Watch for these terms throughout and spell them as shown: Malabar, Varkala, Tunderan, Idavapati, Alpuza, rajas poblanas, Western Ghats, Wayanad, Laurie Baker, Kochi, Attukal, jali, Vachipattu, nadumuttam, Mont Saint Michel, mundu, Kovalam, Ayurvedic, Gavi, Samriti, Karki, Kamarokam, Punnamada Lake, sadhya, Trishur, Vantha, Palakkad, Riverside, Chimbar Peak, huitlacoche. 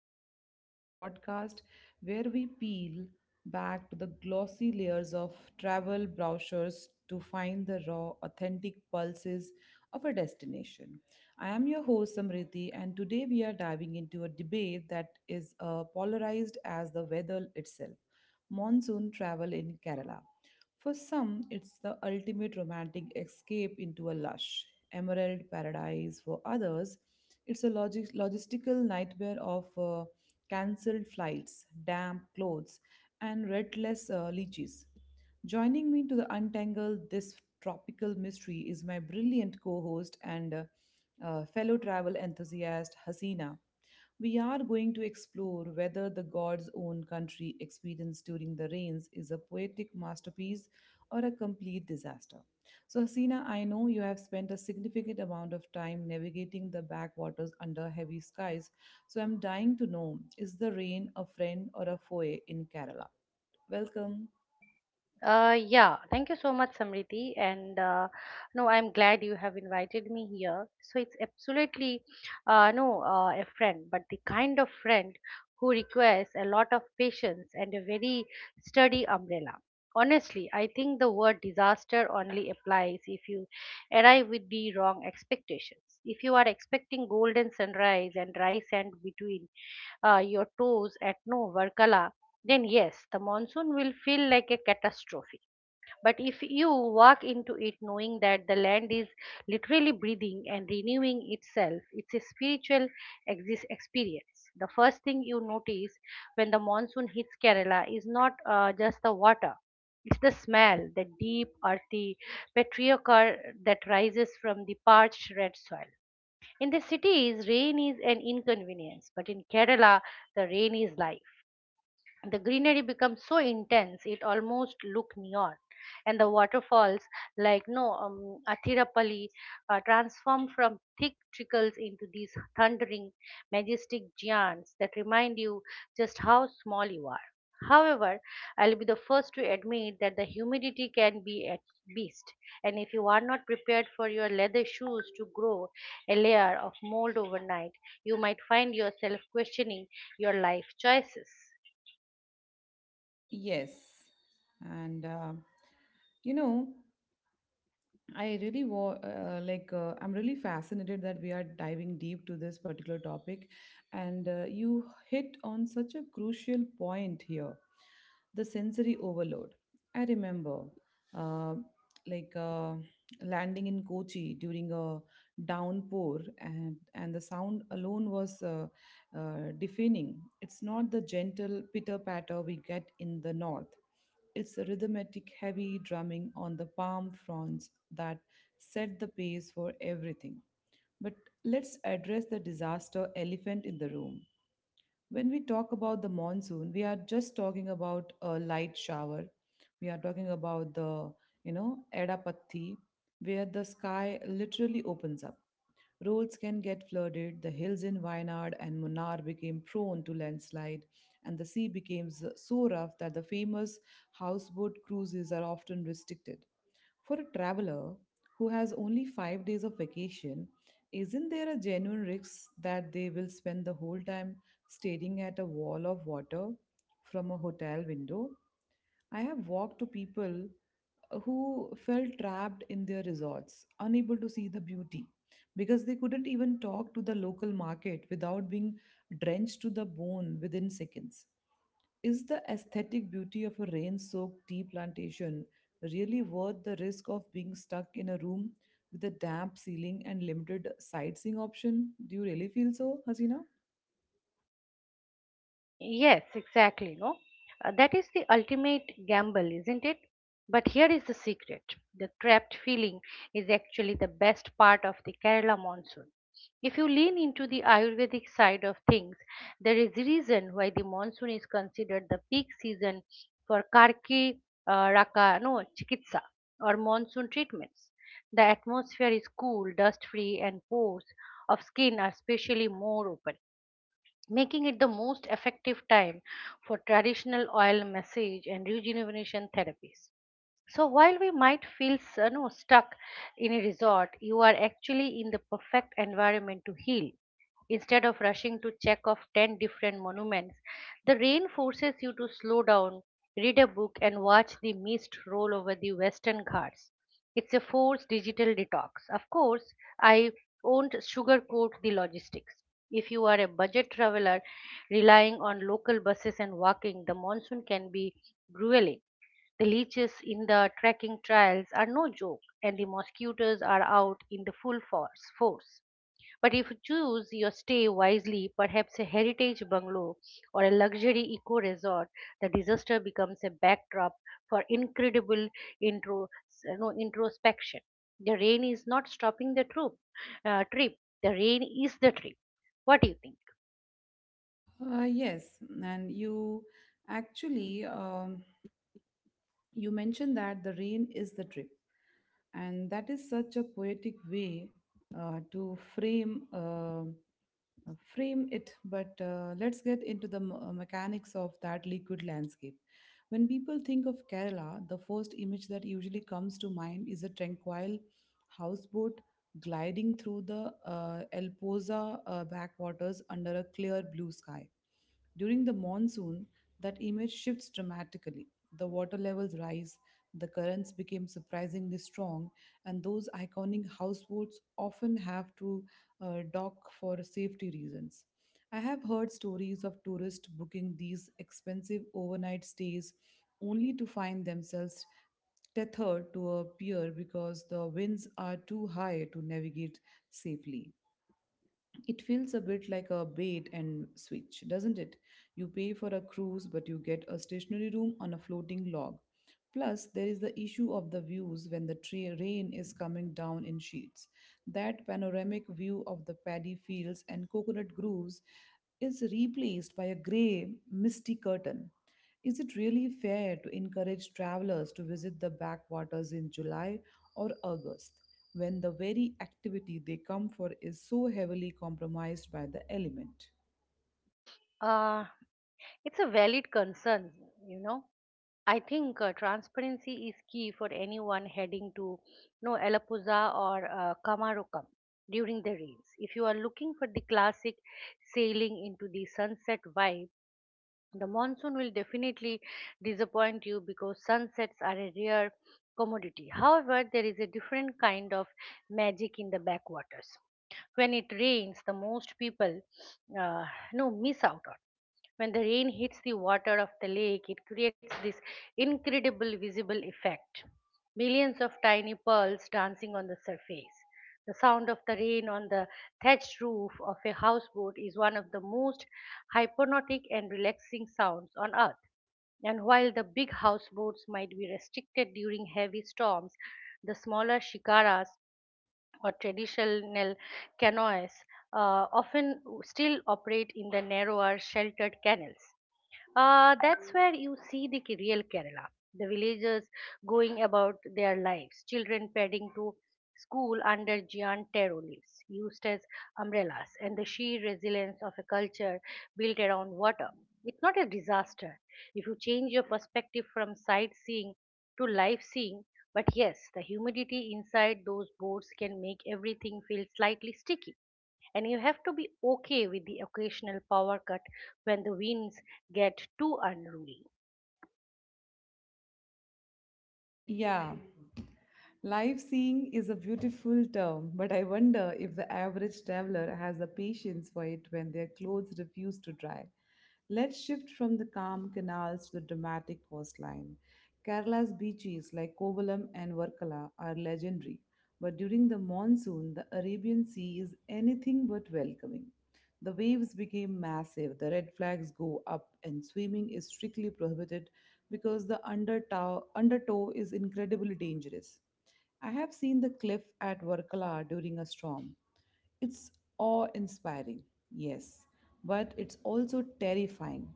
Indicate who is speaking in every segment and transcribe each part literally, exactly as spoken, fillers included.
Speaker 1: Wanderlust, the podcast where we peel back to the glossy layers of travel brochures to find the raw, authentic pulses of a destination. I am your host, Samriti, and today we are diving into a debate that is uh, polarized as the weather itself, monsoon travel in Kerala. For some, it's the ultimate romantic escape into a lush, emerald paradise for others. It's a logi- logistical nightmare of uh, cancelled flights, damp clothes, and redless uh, leeches. Joining me to the untangle this tropical mystery is my brilliant co host and uh, uh, fellow travel enthusiast, Hasina. We are going to explore whether the god's own country experience during the rains is a poetic masterpiece or a complete disaster. So, Hasina, I know you have spent a significant amount of time navigating the backwaters under heavy skies, so I'm dying to know, is the rain a friend or a foe in Kerala? Welcome.
Speaker 2: Uh, yeah, thank you so much, Samriti. And uh, no, I'm glad you have invited me here. So it's absolutely uh, no uh, a friend, but the kind of friend who requires a lot of patience and a very sturdy umbrella. Honestly, I think the word disaster only applies if you arrive with the wrong expectations. If you are expecting golden sunrise and dry sand between uh, your toes at no Varkala, then yes, the monsoon will feel like a catastrophe. But if you walk into it knowing that the land is literally breathing and renewing itself, it's a spiritual exis- experience. The first thing you notice when the monsoon hits Kerala is not uh, just the water. It's the smell, the deep, earthy petrichor that rises from the parched red soil. In the cities, rain is an inconvenience, but in Kerala, the rain is life. The greenery becomes so intense it almost look neon, and the waterfalls like no um, Athirapalli uh, transform from thick trickles into these thundering, majestic giants that remind you just how small you are. However, I'll be the first to admit that the humidity can be a beast, and if you are not prepared for your leather shoes to grow a layer of mold overnight, you might find yourself questioning your life choices.
Speaker 1: Yes. And uh, you know, I really wa- uh, like uh, I'm really fascinated that we are diving deep to this particular topic, and uh, you hit on such a crucial point here, the sensory overload. I remember uh, like uh, landing in Kochi during a downpour, and and the sound alone was uh, uh, deafening. It's not the gentle pitter patter we get in the north. It's the rhythmic, heavy drumming on the palm fronds that set the pace for everything. But let's address the disaster elephant in the room. When we talk about the monsoon, we are just talking about a light shower. We are talking about the, you know, Edapatti, where the sky literally opens up. Roads can get flooded, the hills in Wayanad and Munnar became prone to landslide, and the sea became s- so rough that the famous houseboat cruises are often restricted. For a traveler who has only five days of vacation, isn't there a genuine risk that they will spend the whole time staring at a wall of water from a hotel window? I have walked to people uh, who felt trapped in their resorts, unable to see the beauty because they couldn't even talk to the local market without being drenched to the bone within seconds. Is the aesthetic beauty of a rain soaked tea plantation really worth the risk of being stuck in a room with a damp ceiling and limited sightseeing option? Do you really feel so, Hasina?
Speaker 2: Yes, exactly. No. Uh, that is the ultimate gamble, isn't it? But here is the secret: the trapped feeling is actually the best part of the Kerala monsoon. If you lean into the Ayurvedic side of things, there is a reason why the monsoon is considered the peak season for Karki uh, Raka, no, Chikitsa or monsoon treatments. The atmosphere is cool, dust free, and pores of skin are especially more open, making it the most effective time for traditional oil massage and rejuvenation therapies. So while we might feel s- uh, no, stuck in a resort, you are actually in the perfect environment to heal. Instead of rushing to check off ten different monuments, the rain forces you to slow down, read a book, and watch the mist roll over the Western Ghats. It's a forced digital detox. Of course, I won't sugarcoat the logistics. If you are a budget traveler relying on local buses and walking, the monsoon can be grueling. The leeches in the trekking trails are no joke, and the mosquitoes are out in the full force. force. But if you choose your stay wisely, perhaps a heritage bungalow or a luxury eco resort, the disaster becomes a backdrop for incredible intro, you know, introspection. The rain is not stopping the troop, uh, trip, the rain is the trip. What do you think?
Speaker 1: Uh, yes, and you actually um, you mentioned that the rain is the drip, and that is such a poetic way uh, to frame uh, uh, frame it. But uh, let's get into the m- uh, mechanics of that liquid landscape. When people think of Kerala, the first image that usually comes to mind is a tranquil houseboat gliding through the uh, Elpoza uh, backwaters under a clear blue sky. During the monsoon, that image shifts dramatically. The water levels rise, the currents become surprisingly strong, and those iconic houseboats often have to uh, dock for safety reasons. I have heard stories of tourists booking these expensive overnight stays only to find themselves tethered to a pier because the winds are too high to navigate safely. It feels a bit like a bait and switch, doesn't it? You pay for a cruise, but you get a stationary room on a floating log. Plus, there is the issue of the views when the tra- rain is coming down in sheets. That panoramic view of the paddy fields and coconut groves is replaced by a grey, misty curtain. Is it really fair to encourage travelers to visit the backwaters in July or August, when the very activity they come for is so heavily compromised by the element?
Speaker 2: Uh, it's a valid concern, you know. I think uh, transparency is key for anyone heading to no Alapuza or uh, Kamarokam during the rains. If you are looking for the classic sailing into the sunset vibe, the monsoon will definitely disappoint you because sunsets are a rare commodity. However, there is a different kind of magic in the backwaters. When it rains, the most people uh, no miss out on when the rain hits the water of the lake, it creates this incredible visible effect. Millions of tiny pearls dancing on the surface. The sound of the rain on the thatched roof of a houseboat is one of the most hypnotic and relaxing sounds on earth. And while the big houseboats might be restricted during heavy storms, the smaller shikaras or traditional canoes uh, often still operate in the narrower, sheltered canals. Uh, that's where you see the real Kerala. The villagers going about their lives, children padding to school under giant taro leaves used as umbrellas, and the sheer resilience of a culture built around water. It's not a disaster if you change your perspective from sightseeing to life seeing, but yes, the humidity inside those boards can make everything feel slightly sticky. And you have to be okay with the occasional power cut when the winds get too unruly.
Speaker 1: Yeah, live seeing is a beautiful term, but I wonder if the average traveler has the patience for it when their clothes refuse to dry. Let's shift from the calm canals to the dramatic coastline. Kerala's beaches like Kovalam and Varkala are legendary, but during the monsoon, the Arabian Sea is anything but welcoming. The waves became massive, the red flags go up, and swimming is strictly prohibited because the undertow, undertow is incredibly dangerous. I have seen the cliff at Varkala during a storm. It's awe inspiring, yes, but it's also terrifying.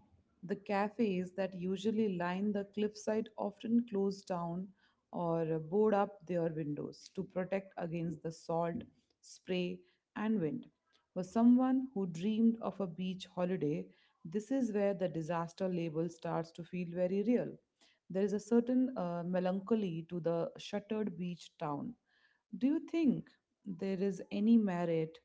Speaker 1: The cafes that usually line the cliffside often close down or board up their windows to protect against the salt, spray, and wind. For someone who dreamed of a beach holiday, this is where the disaster label starts to feel very real. There is a certain uh, melancholy to the shuttered beach town. Do you think there is any merit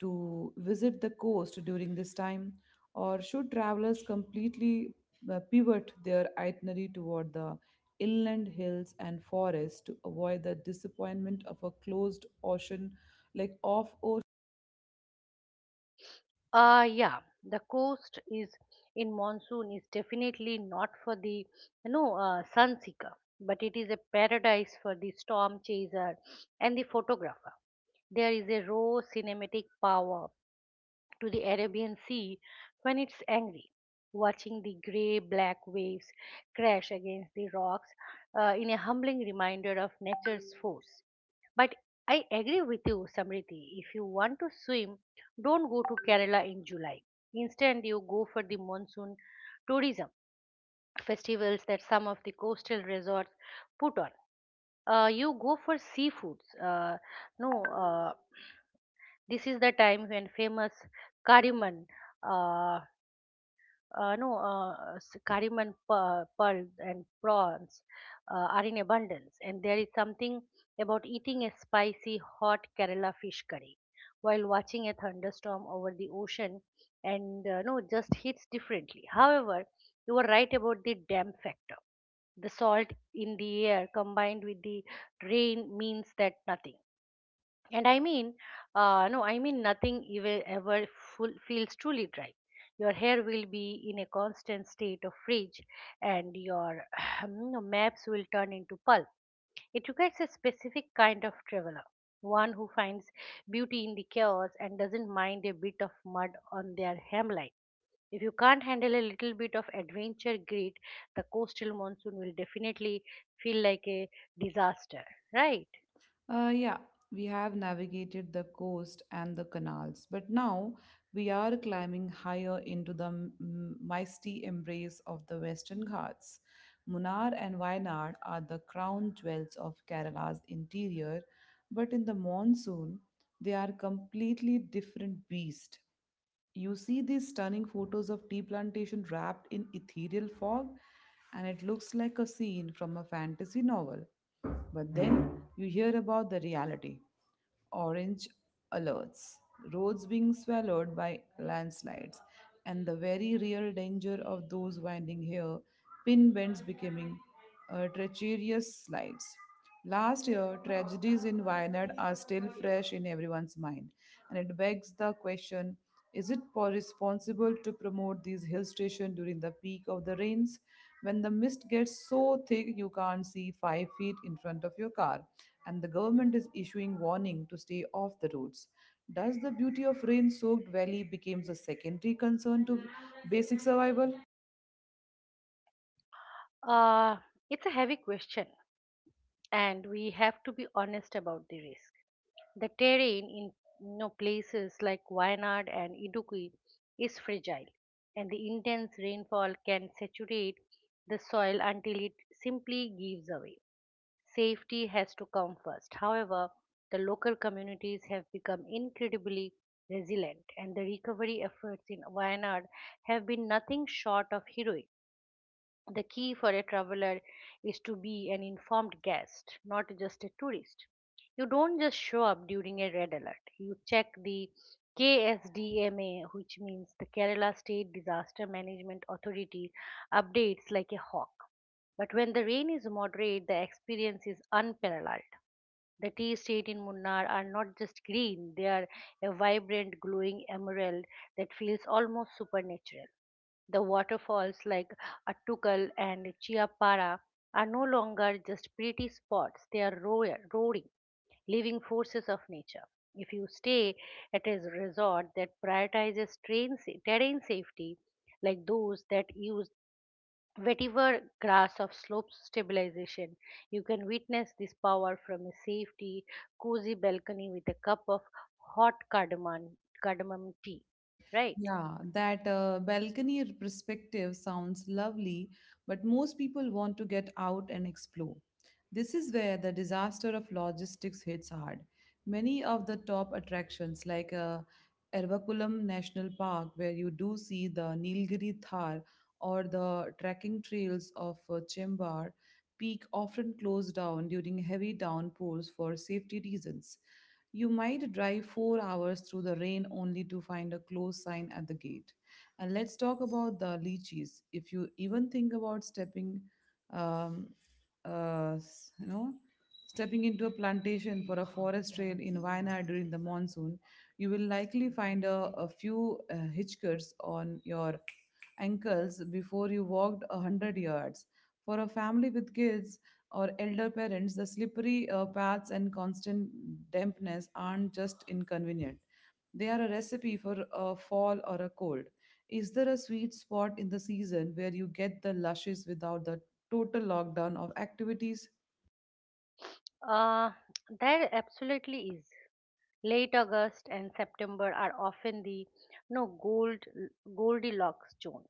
Speaker 1: to visit the coast during this time, or should travelers completely uh, pivot their itinerary toward the inland hills and forests to avoid the disappointment of a closed ocean, like off.
Speaker 2: Ah, yeah, the coast is in monsoon is definitely not for the you know uh, sun seeker, but it is a paradise for the storm chaser and the photographer. There is a raw cinematic power to the Arabian Sea when it's angry, watching the gray black waves crash against the rocks uh, in a humbling reminder of nature's force. But I agree with you, Samriti. If you want to swim, don't go to Kerala in July. Instead, you go for the monsoon tourism festivals that some of the coastal resorts put on. Uh, you go for seafoods. Uh, no, uh, this is the time when famous cardamom uh, uh, no, uh, s- karim and pe- pearl and prawns uh, are in abundance, and there is something about eating a spicy hot Kerala fish curry while watching a thunderstorm over the ocean, and uh, no, just hits differently. However, you were right about the damp factor. The salt in the air combined with the rain means that nothing. And I mean, uh, no, I mean nothing ever, ever full, feels truly dry. Your hair will be in a constant state of fridge, and your you know, maps will turn into pulp. It requires a specific kind of traveler, one who finds beauty in the chaos and doesn't mind a bit of mud on their hemline. If you can't handle a little bit of adventure grit, the coastal monsoon will definitely feel like a disaster, right?
Speaker 1: Uh, yeah, we have navigated the coast and the canals, but now we are climbing higher into the m- m- mighty embrace of the Western Ghats. Munnar and Wayanad are the crown jewels of Kerala's interior, but in the monsoon, they are completely different beast. You see these stunning photos of tea plantation wrapped in ethereal fog, and it looks like a scene from a fantasy novel, but then you hear about the reality, orange alerts, roads being swallowed by landslides, and the very real danger of those winding here pin bends becoming uh, treacherous slides. Last year, tragedies in Wayanad are still fresh in everyone's mind, and it begs the question, is it po- responsible to promote these hill stations during the peak of the rains when the mist gets so thick you can't see five feet in front of your car and the government is issuing warning to stay off the roads? Does the beauty of rain soaked valley becomes a secondary concern to basic survival?
Speaker 2: Uh, it's a heavy question and we have to be honest about the risk. The terrain in, you know, places like Wayanad and Idukki is fragile, and the intense rainfall can saturate the soil until it simply gives away. Safety has to come first. However, the local communities have become incredibly resilient, and the recovery efforts in Wayanad have been nothing short of heroic. The key for a traveler is to be an informed guest, not just a tourist. You don't just show up during a red alert. You check the K S D M A, which means the Kerala State Disaster Management Authority, updates like a hawk. But when the rain is moderate, the experience is unparalleled. The tea estate in Munnar are not just green, they are a vibrant, glowing emerald that feels almost supernatural. The waterfalls like Attukal and Chiapara are no longer just pretty spots, they are roar- roaring, living forces of nature. If you stay at a resort that prioritizes train sa- terrain safety, like those that use whatever grass of slope stabilization, you can witness this power from a safety, cozy balcony with a cup of hot cardamom, cardamom tea. Right?
Speaker 1: Yeah, that uh, balcony perspective sounds lovely, but most people want to get out and explore. This is where the disaster of logistics hits hard. Many of the top attractions, like uh, Ervakulam National Park, where you do see the Nilgiri Thar, or the trekking trails of uh, Chimbar Peak, often close down during heavy downpours for safety reasons. You might drive four hours through the rain only to find a close sign at the gate. And let's talk about the lychees. If you even think about stepping, um, uh, s- you know, stepping into a plantation for a forest trail in Wayanad during the monsoon, you will likely find a, a few uh, hitchhikers on your ankles before you walked a hundred yards. For a family with kids, or elder parents, the slippery uh, paths and constant dampness aren't just inconvenient. They are a recipe for a fall or a cold. Is there a sweet spot in the season where you get the lushes without the total lockdown of activities?
Speaker 2: Uh, there absolutely is. Late August and September are often the no gold Goldilocks zone.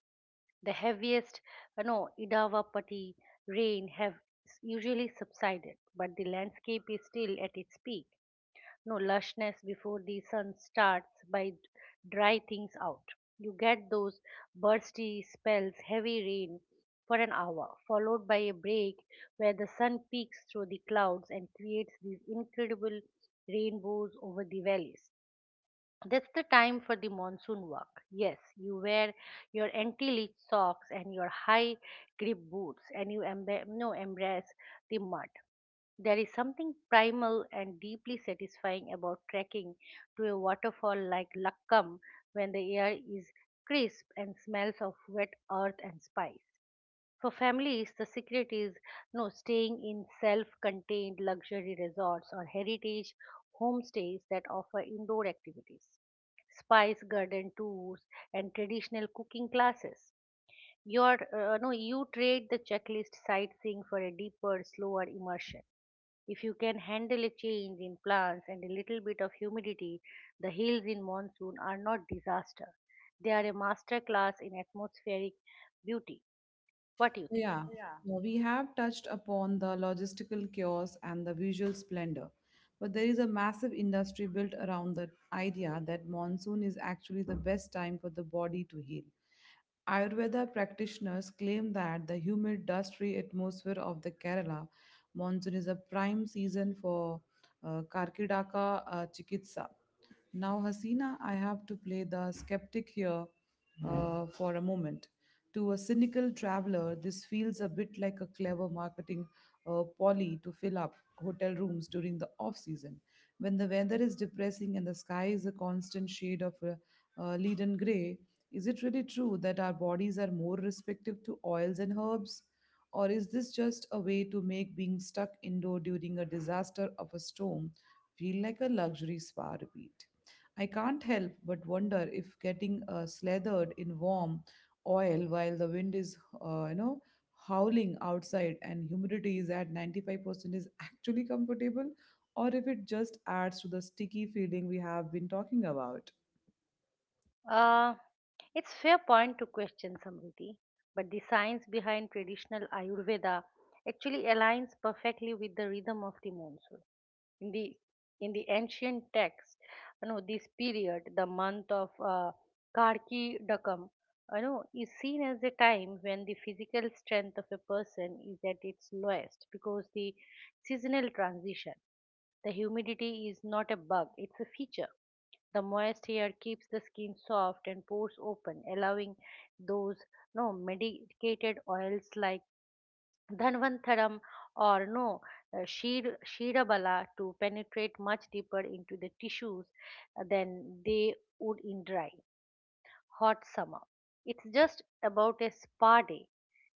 Speaker 2: The heaviest, uh, no Idavapati rain have s- usually subsided, but the landscape is still at its peak. no lushness before the sun starts by d- dry things out. You get those bursty spells, heavy rain for an hour, followed by a break where the sun peeks through the clouds and creates these incredible rainbows over the valleys. That's the time for the monsoon walk. Yes, you wear your anti leech socks and your high grip boots and you emba- no, embrace the mud. There is something primal and deeply satisfying about trekking to a waterfall like Lakkam when the air is crisp and smells of wet earth and spice. For families, the secret is no staying in self-contained luxury resorts or heritage homestays that offer indoor activities, spice garden tours, and traditional cooking classes. Your uh, no, you trade the checklist sightseeing for a deeper, slower immersion. If you can handle a change in plants and a little bit of humidity, the hills in monsoon are not disaster. They are a master class in atmospheric beauty. What do you think?
Speaker 1: Yeah. Now, we have touched upon the logistical chaos and the visual splendor, but there is a massive industry built around the idea that monsoon is actually the best time for the body to heal. Ayurveda practitioners claim that the humid, dust-free atmosphere of the Kerala monsoon is a prime season for uh, Karkidaka uh, chikitsa. Now, Hasina, I have to play the skeptic here uh, for a moment. To a cynical traveler, this feels a bit like a clever marketing uh, poly to fill up hotel rooms during the off season, when the weather is depressing and the sky is a constant shade of uh, uh, leaden gray. Is it really true that our bodies are more receptive to oils and herbs? Or is this just a way to make being stuck indoor during a disaster of a storm feel like a luxury spa repeat? I can't help but wonder if getting uh, slathered in warm oil while the wind is, uh, you know, howling outside and humidity is at ninety-five percent is actually comfortable or if it just adds to the sticky feeling we have been talking about.
Speaker 2: Uh, it's fair point to question, Samriti, but the science behind traditional Ayurveda actually aligns perfectly with the rhythm of the monsoon. In the in the ancient text, you know, this period, the month of uh, Karki Dakam, you know, is seen as a time when the physical strength of a person is at its lowest because the seasonal transition, the humidity is not a bug; it's a feature. The moist air keeps the skin soft and pores open, allowing those no medicated oils like Dhanvantaram or no uh, Shir- Shirabala to penetrate much deeper into the tissues than they would in dry, hot summer. It's just about a spa day.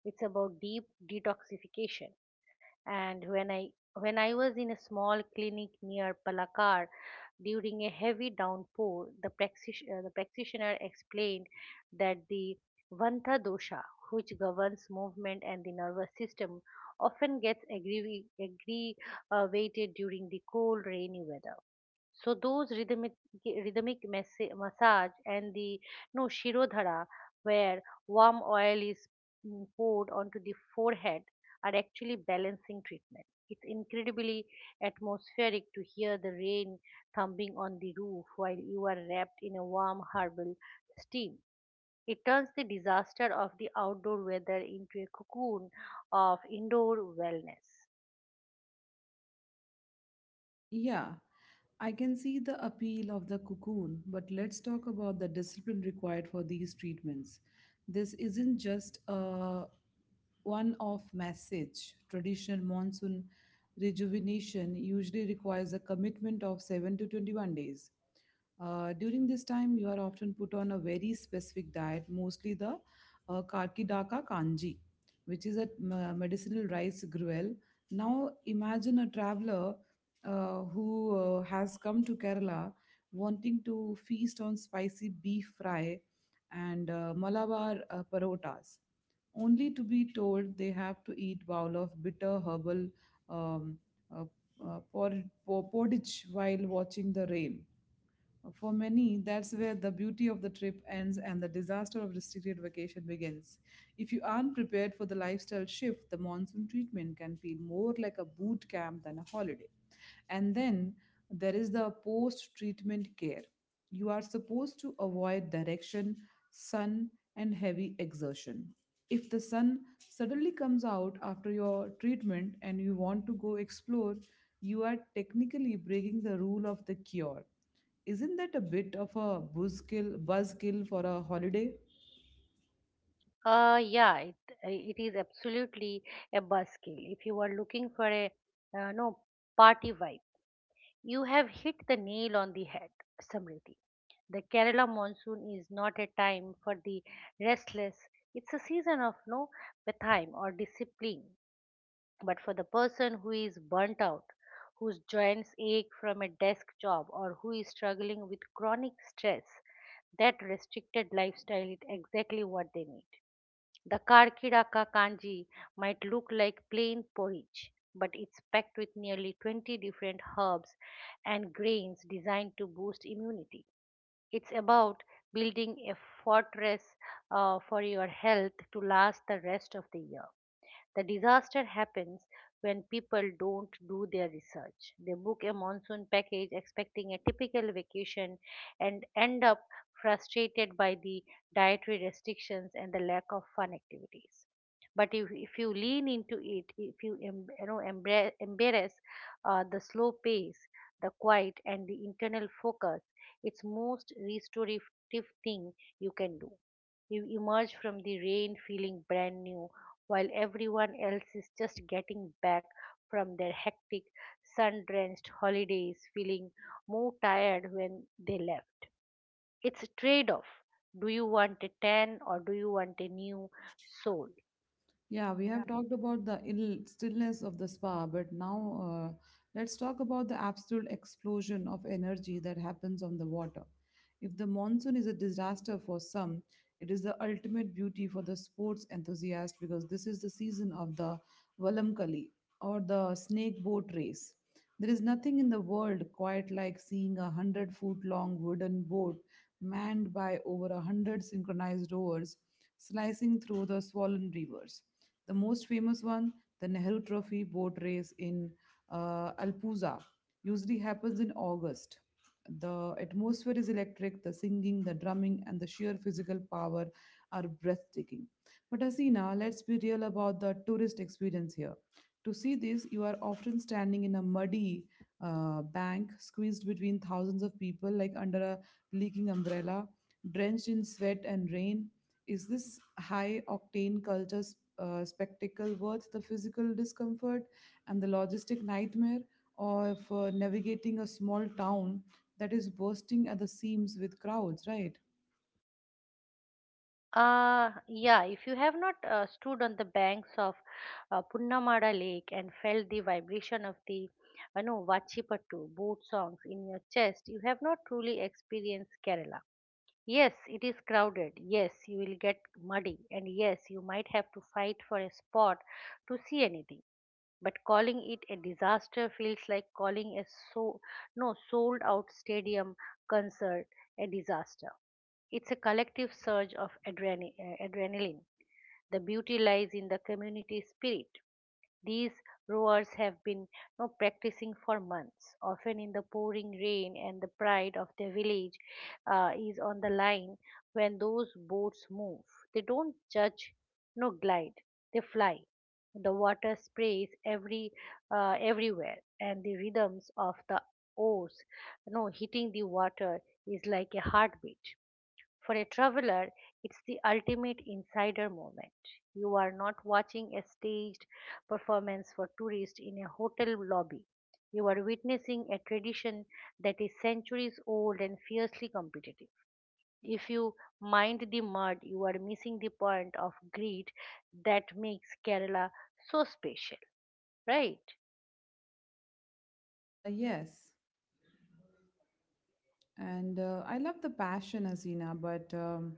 Speaker 2: It's about deep detoxification. And when I when I was in a small clinic near Palakkad, during a heavy downpour, the, practish- uh, the practitioner explained that the Vantha dosha, which governs movement and the nervous system, often gets aggravi- aggravated during the cold, rainy weather. So those rhythmic rhythmic massa- massage and the no shirodhara, where warm oil is mm, poured onto the forehead, are actually balancing treatment. It's incredibly atmospheric to hear the rain thumping on the roof while you are wrapped in a warm herbal steam. It turns the disaster of the outdoor weather into a cocoon of indoor wellness.
Speaker 1: Yeah, I can see the appeal of the cocoon, but let's talk about the discipline required for these treatments. This isn't just a one off message. Traditional monsoon rejuvenation usually requires a commitment of seven to twenty-one days. Uh, during this time, you are often put on a very specific diet, mostly the uh, Karkidaka kanji, which is a uh, medicinal rice gruel. Now, imagine a traveler uh, who uh, has come to Kerala wanting to feast on spicy beef fry and uh, Malabar uh, parotas, only to be told they have to eat bowl of bitter herbal um, uh, uh, por- por- porridge while watching the rain. For many, that's where the beauty of the trip ends and the disaster of restricted vacation begins. If you aren't prepared for the lifestyle shift, the monsoon treatment can feel more like a boot camp than a holiday. And then there is the post treatment care. You are supposed to avoid direction, sun, and heavy exertion. If the sun suddenly comes out after your treatment and you want to go explore, you are technically breaking the rule of the cure. Isn't that a bit of a buzzkill, buzzkill for a holiday?
Speaker 2: Uh, yeah, it, it is absolutely a buzzkill. If you are looking for a uh, no party vibe, you have hit the nail on the head, Samriti. The Kerala monsoon is not a time for the restless. It's a season of no pathime or discipline. But for the person who is burnt out, whose joints ache from a desk job, or who is struggling with chronic stress, that restricted lifestyle is exactly what they need. The Karkiraka kanji might look like plain porridge, but it's packed with nearly twenty different herbs and grains designed to boost immunity. It's about building a fortress uh, for your health to last the rest of the year. The disaster happens when people don't do their research. They book a monsoon package expecting a typical vacation and end up frustrated by the dietary restrictions and the lack of fun activities. But if, if you lean into it, if you, em, you know embra- embrace uh, the slow pace, the quiet, and the internal focus, it's most restorative thing you can do. You emerge from the rain feeling brand new, while everyone else is just getting back from their hectic, sun drenched holidays, feeling more tired when they left. It's a trade off. Do you want a tan or do you want a new soul?
Speaker 1: Yeah, we have talked about the ill stillness of the spa, but now uh, let's talk about the absolute explosion of energy that happens on the water. If the monsoon is a disaster for some, it is the ultimate beauty for the sports enthusiast because this is the season of the Valamkali or the snake boat race. There is nothing in the world quite like seeing a hundred foot long wooden boat manned by over a hundred synchronized rowers slicing through the swollen rivers. The most famous one, the Nehru Trophy boat race in uh, Alpuza, usually happens in August. The atmosphere is electric, the singing, the drumming, and the sheer physical power are breathtaking. But Asina, let's be real about the tourist experience here. To see this, you are often standing in a muddy uh, bank, squeezed between thousands of people, like under a leaking umbrella, drenched in sweat and rain. Is this high octane culture s- uh, spectacle worth the physical discomfort and the logistic nightmare of uh, navigating a small town that is bursting at the seams with crowds, right?
Speaker 2: Uh, yeah, if you have not uh, stood on the banks of uh, Punnamada Lake and felt the vibration of the uh, no, Vachipattu boat songs in your chest, you have not truly experienced Kerala. Yes, it is crowded. Yes, you will get muddy. And yes, you might have to fight for a spot to see anything. But calling it a disaster feels like calling a so no sold out stadium concert a disaster. It's a collective surge of adrena- uh, adrenaline. The beauty lies in the community spirit. These rowers have been you know, practicing for months, often in the pouring rain, and the pride of their village uh, is on the line when those boats move. They don't judge, no glide, they fly. The water sprays every uh, everywhere, and the rhythms of the oars, you know, hitting the water is like a heartbeat. For a traveler, it's the ultimate insider moment. You are not watching a staged performance for tourists in a hotel lobby. You are witnessing a tradition that is centuries old and fiercely competitive. If you mind the mud, you are missing the point of greed that makes Kerala so special, right?
Speaker 1: Uh, yes, and uh, I love the passion, Hasina, but um,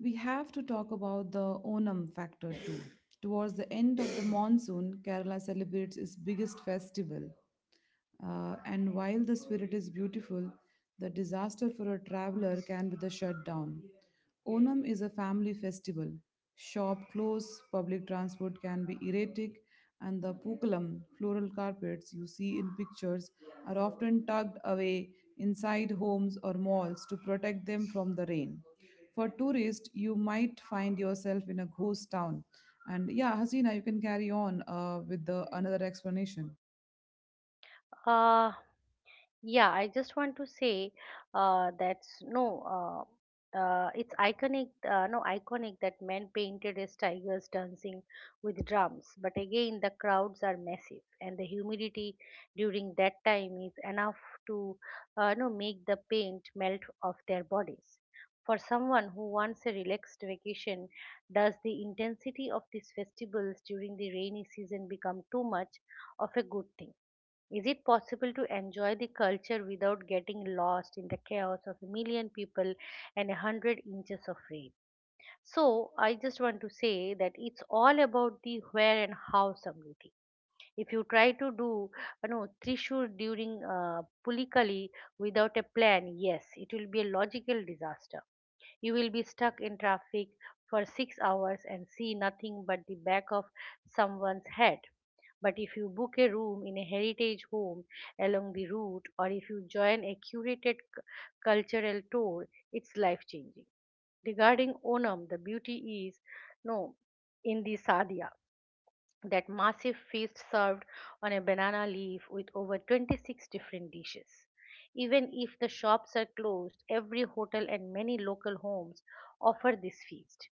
Speaker 1: we have to talk about the Onam factor too. Towards the end of the monsoon, Kerala celebrates its biggest festival. Uh, and while the spirit is beautiful, the disaster for a traveler can be the shutdown. Onam is a family festival. Shop close, public transport can be erratic, and the pookalam floral carpets you see in pictures, are often tugged away inside homes or malls to protect them from the rain. For tourists, you might find yourself in a ghost town. And yeah, Hasina, you can carry on uh, with the another explanation.
Speaker 2: Uh, Yeah, I just want to say uh, that's no, uh, uh, it's iconic, uh, no, iconic that men painted as tigers dancing with drums. But again, the crowds are massive, and the humidity during that time is enough to, uh, no, make the paint melt off their bodies. For someone who wants a relaxed vacation, does the intensity of these festivals during the rainy season become too much of a good thing? Is it possible to enjoy the culture without getting lost in the chaos of a million people and a hundred inches of rain? So, I just want to say that it's all about the where and how something. If you try to do, you know, Trishur during uh, Pulikali without a plan, yes, it will be a logical disaster. You will be stuck in traffic for six hours and see nothing but the back of someone's head. But if you book a room in a heritage home along the route, or if you join a curated c- cultural tour, it's life changing. Regarding Onam, the beauty is no in the sadhya, that massive feast served on a banana leaf with over twenty-six different dishes. Even if the shops are closed, every hotel and many local homes offer this feast.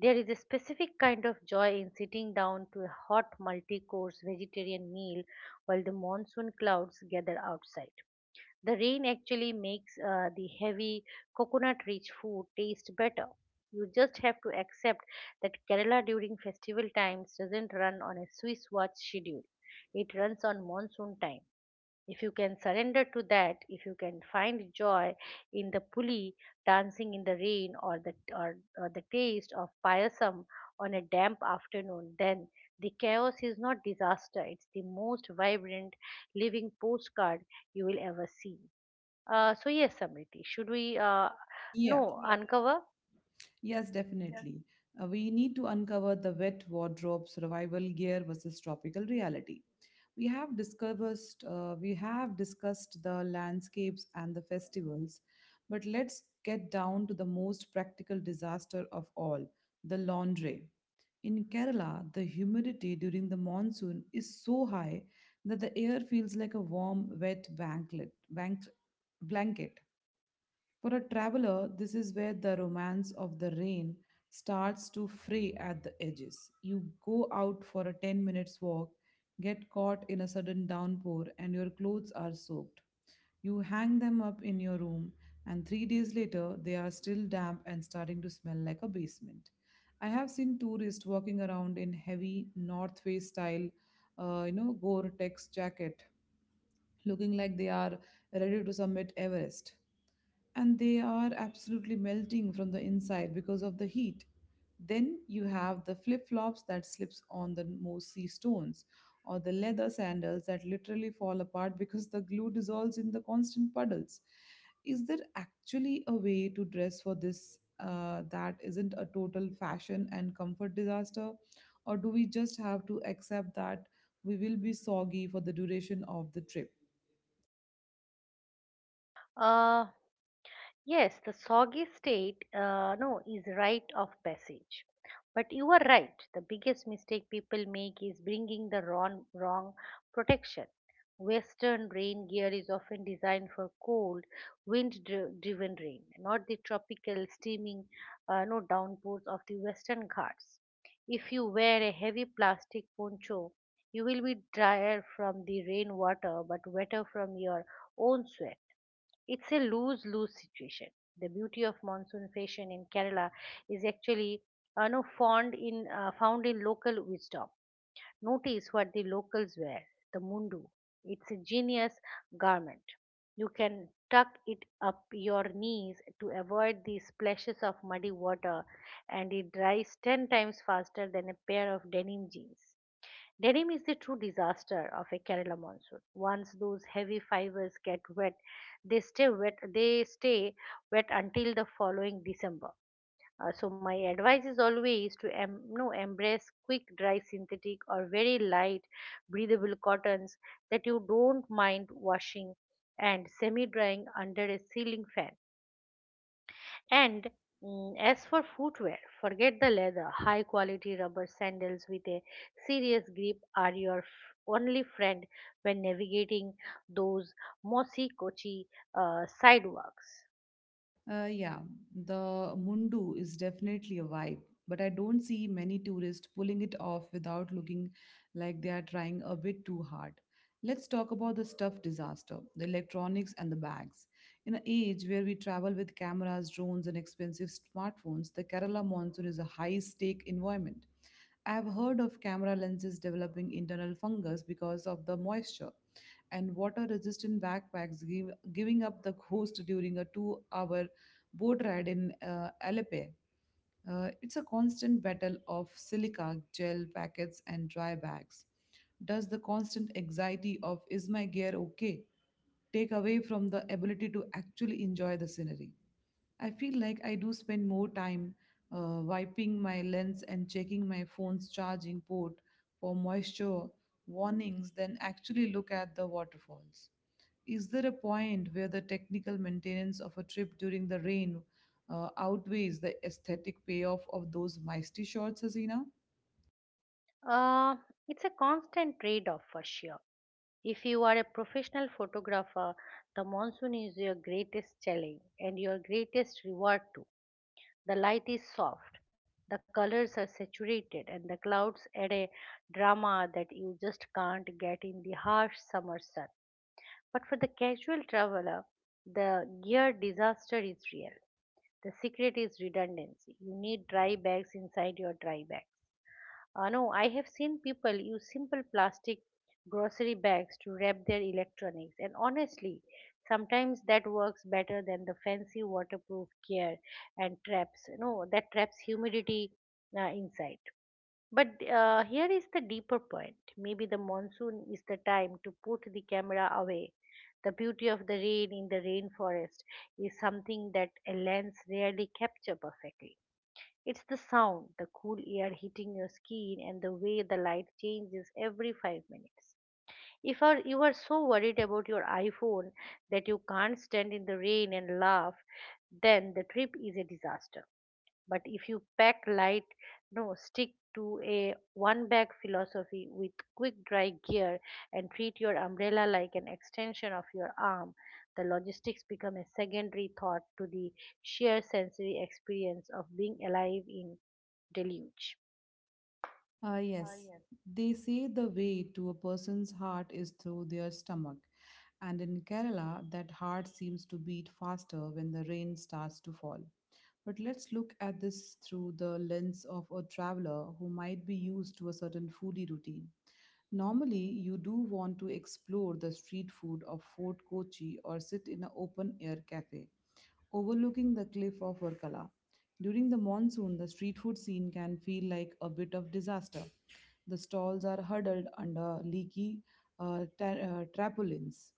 Speaker 2: There is a specific kind of joy in sitting down to a hot multi course vegetarian meal while the monsoon clouds gather outside. The rain actually makes uh, the heavy coconut rich food taste better. You just have to accept that Kerala during festival times doesn't run on a Swiss watch schedule, it runs on monsoon time. If you can surrender to that, if you can find joy in the pulley dancing in the rain or the, or, or the taste of payasam on a damp afternoon, then the chaos is not disaster. It's the most vibrant living postcard you will ever see. Uh, so yes, Samriti, should we uh,
Speaker 1: Yeah.
Speaker 2: no Yes. uncover?
Speaker 1: Yes, definitely. Uh, we need to uncover the wet wardrobe survival gear versus tropical reality. We have discussed uh, we have discussed the landscapes and the festivals, but let's get down to the most practical disaster of all, the laundry. In Kerala, the humidity during the monsoon is so high that the air feels like a warm, wet banklet, bank, blanket. For a traveler, this is where the romance of the rain starts to fray at the edges. You go out for a ten minutes walk, get caught in a sudden downpour, and your clothes are soaked. You hang them up in your room, and three days later, they are still damp and starting to smell like a basement. I have seen tourists walking around in heavy North Face style uh, you know, Gore-Tex jacket, looking like they are ready to summit Everest. And they are absolutely melting from the inside because of the heat. Then you have the flip-flops that slips on the mossy stones, or the leather sandals that literally fall apart because the glue dissolves in the constant puddles. Is there actually a way to dress for this uh, that isn't a total fashion and comfort disaster? Or do we just have to accept that we will be soggy for the duration of the trip.
Speaker 2: Yes. Yes, the soggy state, uh, no, is rite of passage. But you are right. The biggest mistake people make is bringing the wrong, wrong protection. Western rain gear is often designed for cold, wind-driven rain, not the tropical, steaming, uh, no downpours of the Western Ghats. If you wear a heavy plastic poncho, you will be drier from the rainwater, but wetter from your own sweat. It's a lose lose situation. The beauty of monsoon fashion in Kerala is actually uh, no, found, in, uh, found in local wisdom. Notice what the locals wear the mundu. It's a genius garment. You can tuck it up your knees to avoid the splashes of muddy water, and it dries ten times faster than a pair of denim jeans. Denim is the true disaster of a Kerala monsoon. Once those heavy fibers get wet, they stay wet. They stay wet until the following December. Uh, so my advice is always to em- no, embrace quick dry synthetic or very light breathable cottons that you don't mind washing and semi drying under a ceiling fan, and mm, as for footwear, forget the leather. High quality rubber sandals with a serious grip are your f- only friend when navigating those mossy Kochi uh, sidewalks.
Speaker 1: Uh, yeah, the Mundu is definitely a vibe, but I don't see many tourists pulling it off without looking like they are trying a bit too hard. Let's talk about the stuff disaster, the electronics and the bags. In an age where we travel with cameras, drones, and expensive smartphones, the Kerala monsoon is a high stake environment. I have heard of camera lenses developing internal fungus because of the moisture, and water resistant backpacks, give, giving up the ghost during a two hour boat ride in uh, Alepe. Uh, it's a constant battle of silica, gel packets, and dry bags. Does the constant anxiety of is my gear okay take away from the ability to actually enjoy the scenery? I feel like I do spend more time uh, wiping my lens and checking my phone's charging port for moisture warnings than actually look at the waterfalls. Is there a point where the technical maintenance of a trip during the rain uh, outweighs the aesthetic payoff of those misty shots, Hasina?
Speaker 2: Uh, it's a constant trade off for sure. If you are a professional photographer, the monsoon is your greatest challenge and your greatest reward too. The light is soft, the colors are saturated, and the clouds add a drama that you just can't get in the harsh summer sun. But for the casual traveler, the gear disaster is real. The secret is redundancy. You need dry bags inside your dry bag. Uh, no, I have seen people use simple plastic grocery bags to wrap their electronics, and honestly, sometimes that works better than the fancy waterproof gear and traps. No, that traps humidity uh, inside. But uh, here is the deeper point. Maybe the monsoon is the time to put the camera away. The beauty of the rain in the rainforest is something that a lens rarely captures perfectly. It's the sound, the cool air hitting your skin, and the way the light changes every five minutes. If are- you are so worried about your iPhone that you can't stand in the rain and laugh, then the trip is a disaster. But if you pack light, no, stick to a one bag philosophy with quick dry gear and treat your umbrella like an extension of your arm, the logistics become a secondary thought to the sheer sensory experience of being alive in deluge.
Speaker 1: Ah,
Speaker 2: Uh,
Speaker 1: yes.
Speaker 2: yes.
Speaker 1: They say the way to a person's heart is through their stomach, and in Kerala, that heart seems to beat faster when the rain starts to fall. But let's look at this through the lens of a traveler who might be used to a certain foodie routine. Normally, you do want to explore the street food of Fort Kochi or sit in an open air cafe overlooking the cliff of Varkala. During the monsoon, the street food scene can feel like a bit of disaster. The stalls are huddled under leaky uh, ta- uh, tarpaulins,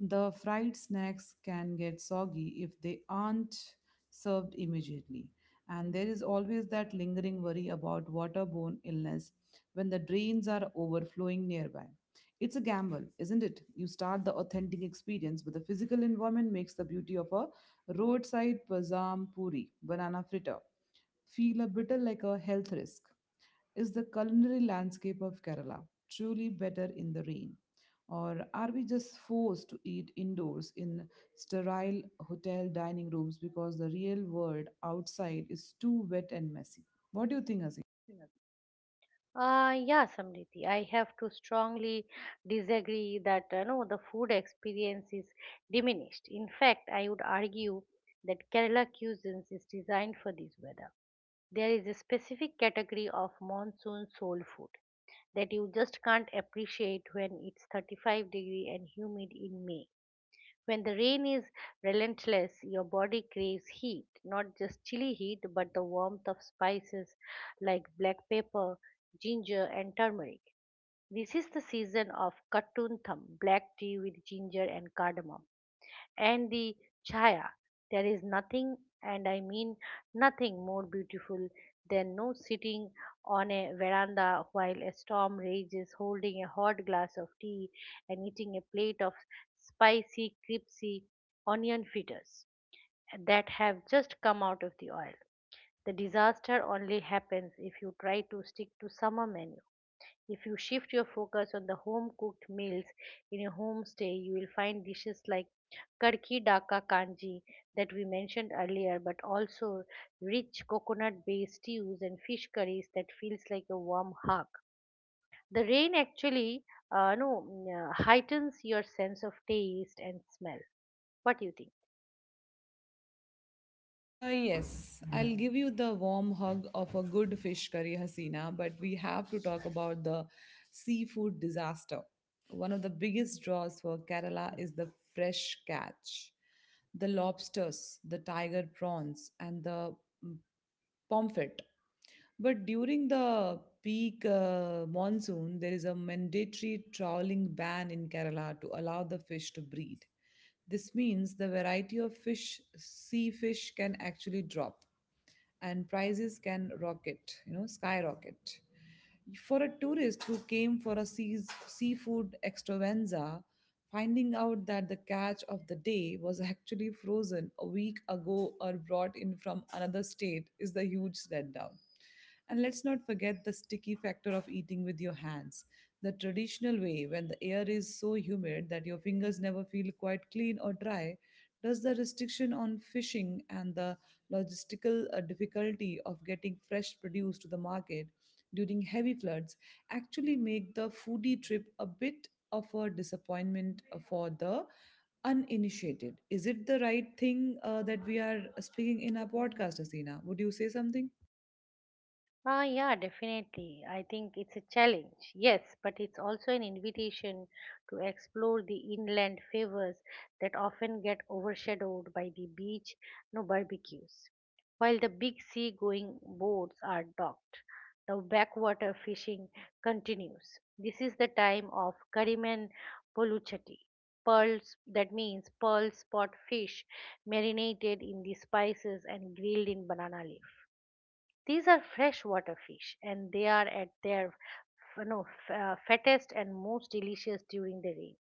Speaker 1: the fried snacks can get soggy if they aren't served immediately. And there is always that lingering worry about waterborne illness when the drains are overflowing nearby. It's a gamble, isn't it? You start the authentic experience, but the physical environment makes the beauty of a roadside bazam puri, banana fritter, feel a bit like a health risk. Is the culinary landscape of Kerala truly better in the rain? Or are we just forced to eat indoors in sterile hotel dining rooms because the real world outside is too wet and messy? What do you think, Aziz?
Speaker 2: What do you think? Aditi? Uh, yeah, Samriti, I have to strongly disagree that you know the food experience is diminished. In fact, I would argue that Kerala cuisine is designed for this weather. There is a specific category of monsoon soul food that you just can't appreciate when it's thirty-five degree and humid in May. When the rain is relentless, your body craves heat, not just chilly heat, but the warmth of spices like black pepper, ginger, and turmeric. This is the season of kattun tham, black tea with ginger and cardamom and the chaya. There is nothing, and I mean nothing, more beautiful than no sitting on a veranda while a storm rages, holding a hot glass of tea and eating a plate of spicy, crispy onion fritters that have just come out of the oil. The disaster only happens if you try to stick to summer menu. If you shift your focus on the home cooked meals in a homestay, you will find dishes like kadki daka kanji that we mentioned earlier, but also rich coconut based stews and fish curries that feels like a warm hug. The rain actually uh, no, mm, uh, heightens your sense of taste and smell. What do you think?
Speaker 1: Uh, yes, I'll give you the warm hug of a good fish curry, Hasina, but we have to talk about the seafood disaster. One of the biggest draws for Kerala is the fresh catch. The lobsters, the tiger prawns, and the mm, Pomfret. But during the peak uh, monsoon, there is a mandatory trawling ban in Kerala to allow the fish to breed. This means the variety of fish, sea fish, can actually drop and prices can rocket, you know, skyrocket. For a tourist who came for a seas- seafood extravaganza, finding out that the catch of the day was actually frozen a week ago or brought in from another state is the huge letdown. And let's not forget the sticky factor of eating with your hands, the traditional way when the air is so humid that your fingers never feel quite clean or dry. Does the restriction on fishing and the logistical uh, difficulty of getting fresh produce to the market during heavy floods actually make the foodie trip a bit of a disappointment for the uninitiated. Is it the right thing uh, that we are speaking in our podcast, Asina? Would you say something?
Speaker 2: Ah, yeah, definitely. I think it's a challenge, yes, but it's also an invitation to explore the inland favors that often get overshadowed by the beach no barbecues. While the big sea-going boats are docked, the backwater fishing continues. This is the time of Kariman Poluchati. Pearls, that means pearl spot fish marinated in the spices and grilled in banana leaf these are freshwater fish and they are at their you know, f- uh, fattest and most delicious during the rain.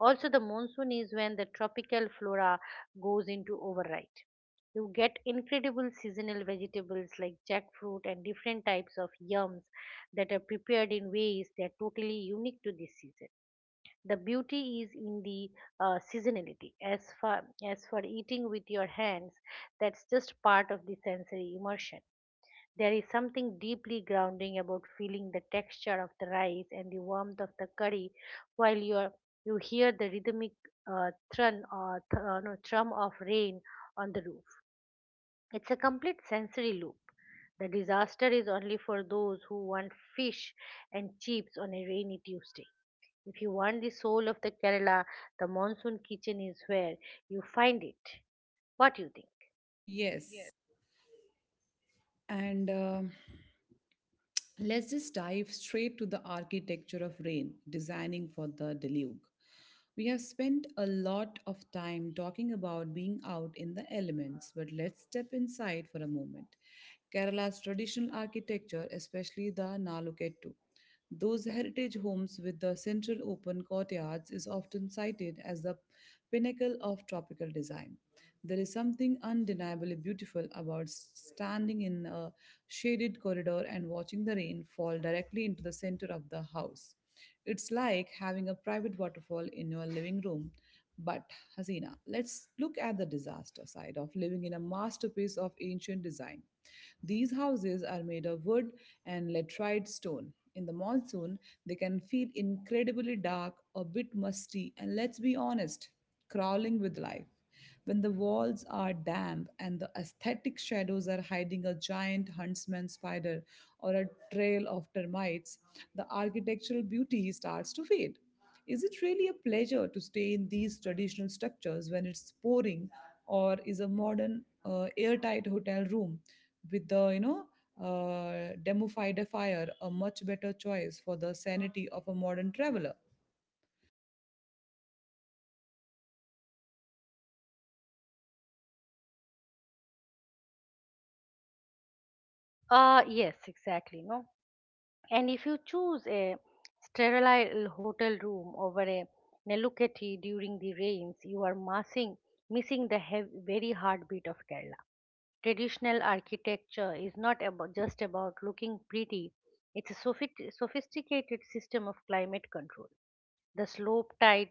Speaker 2: Also, the monsoon is when the tropical flora goes into override. You get incredible seasonal vegetables like jackfruit and different types of yams that are prepared in ways that are totally unique to this season. The beauty is in the uh, seasonality. As for as for eating with your hands, that's just part of the sensory immersion. There is something deeply grounding about feeling the texture of the rice and the warmth of the curry while you are, you hear the rhythmic uh, thrun or th- uh, no, thrum of rain on the roof. It's a complete sensory loop. The disaster is only for those who want fish and chips on a rainy Tuesday. If you want the soul of the Kerala, the monsoon kitchen is where you find it. What do you think?
Speaker 1: Yes. And um let's just dive straight to the architecture of rain, designing for the deluge. We have spent a lot of time talking about being out in the elements, but let's step inside for a moment. Kerala's traditional architecture, especially the Nalukettu, those heritage homes with the central open courtyards is often cited as the pinnacle of tropical design. There is something undeniably beautiful about standing in a shaded corridor and watching the rain fall directly into the center of the house. It's like having a private waterfall in your living room. But, Hasina, let's look at the disaster side of living in a masterpiece of ancient design. These houses are made of wood and laterite stone. In the monsoon, they can feel incredibly dark, a bit musty, and let's be honest crawling with life. When the walls are damp and the aesthetic shadows are hiding a giant huntsman spider or a trail of termites, the architectural beauty starts to fade. Is it really a pleasure to stay in these traditional structures when it's pouring, or is a modern uh, airtight hotel room with the you know uh, demufied fire a much better choice for the sanity of a modern traveler?
Speaker 2: Uh yes, exactly. No, and if you choose a sterile hotel room over a Neluketi during the rains, you are missing, missing the hev- very heartbeat of Kerala. Traditional architecture is not about, just about looking pretty, it's a sophi- sophisticated system of climate control. The slope tide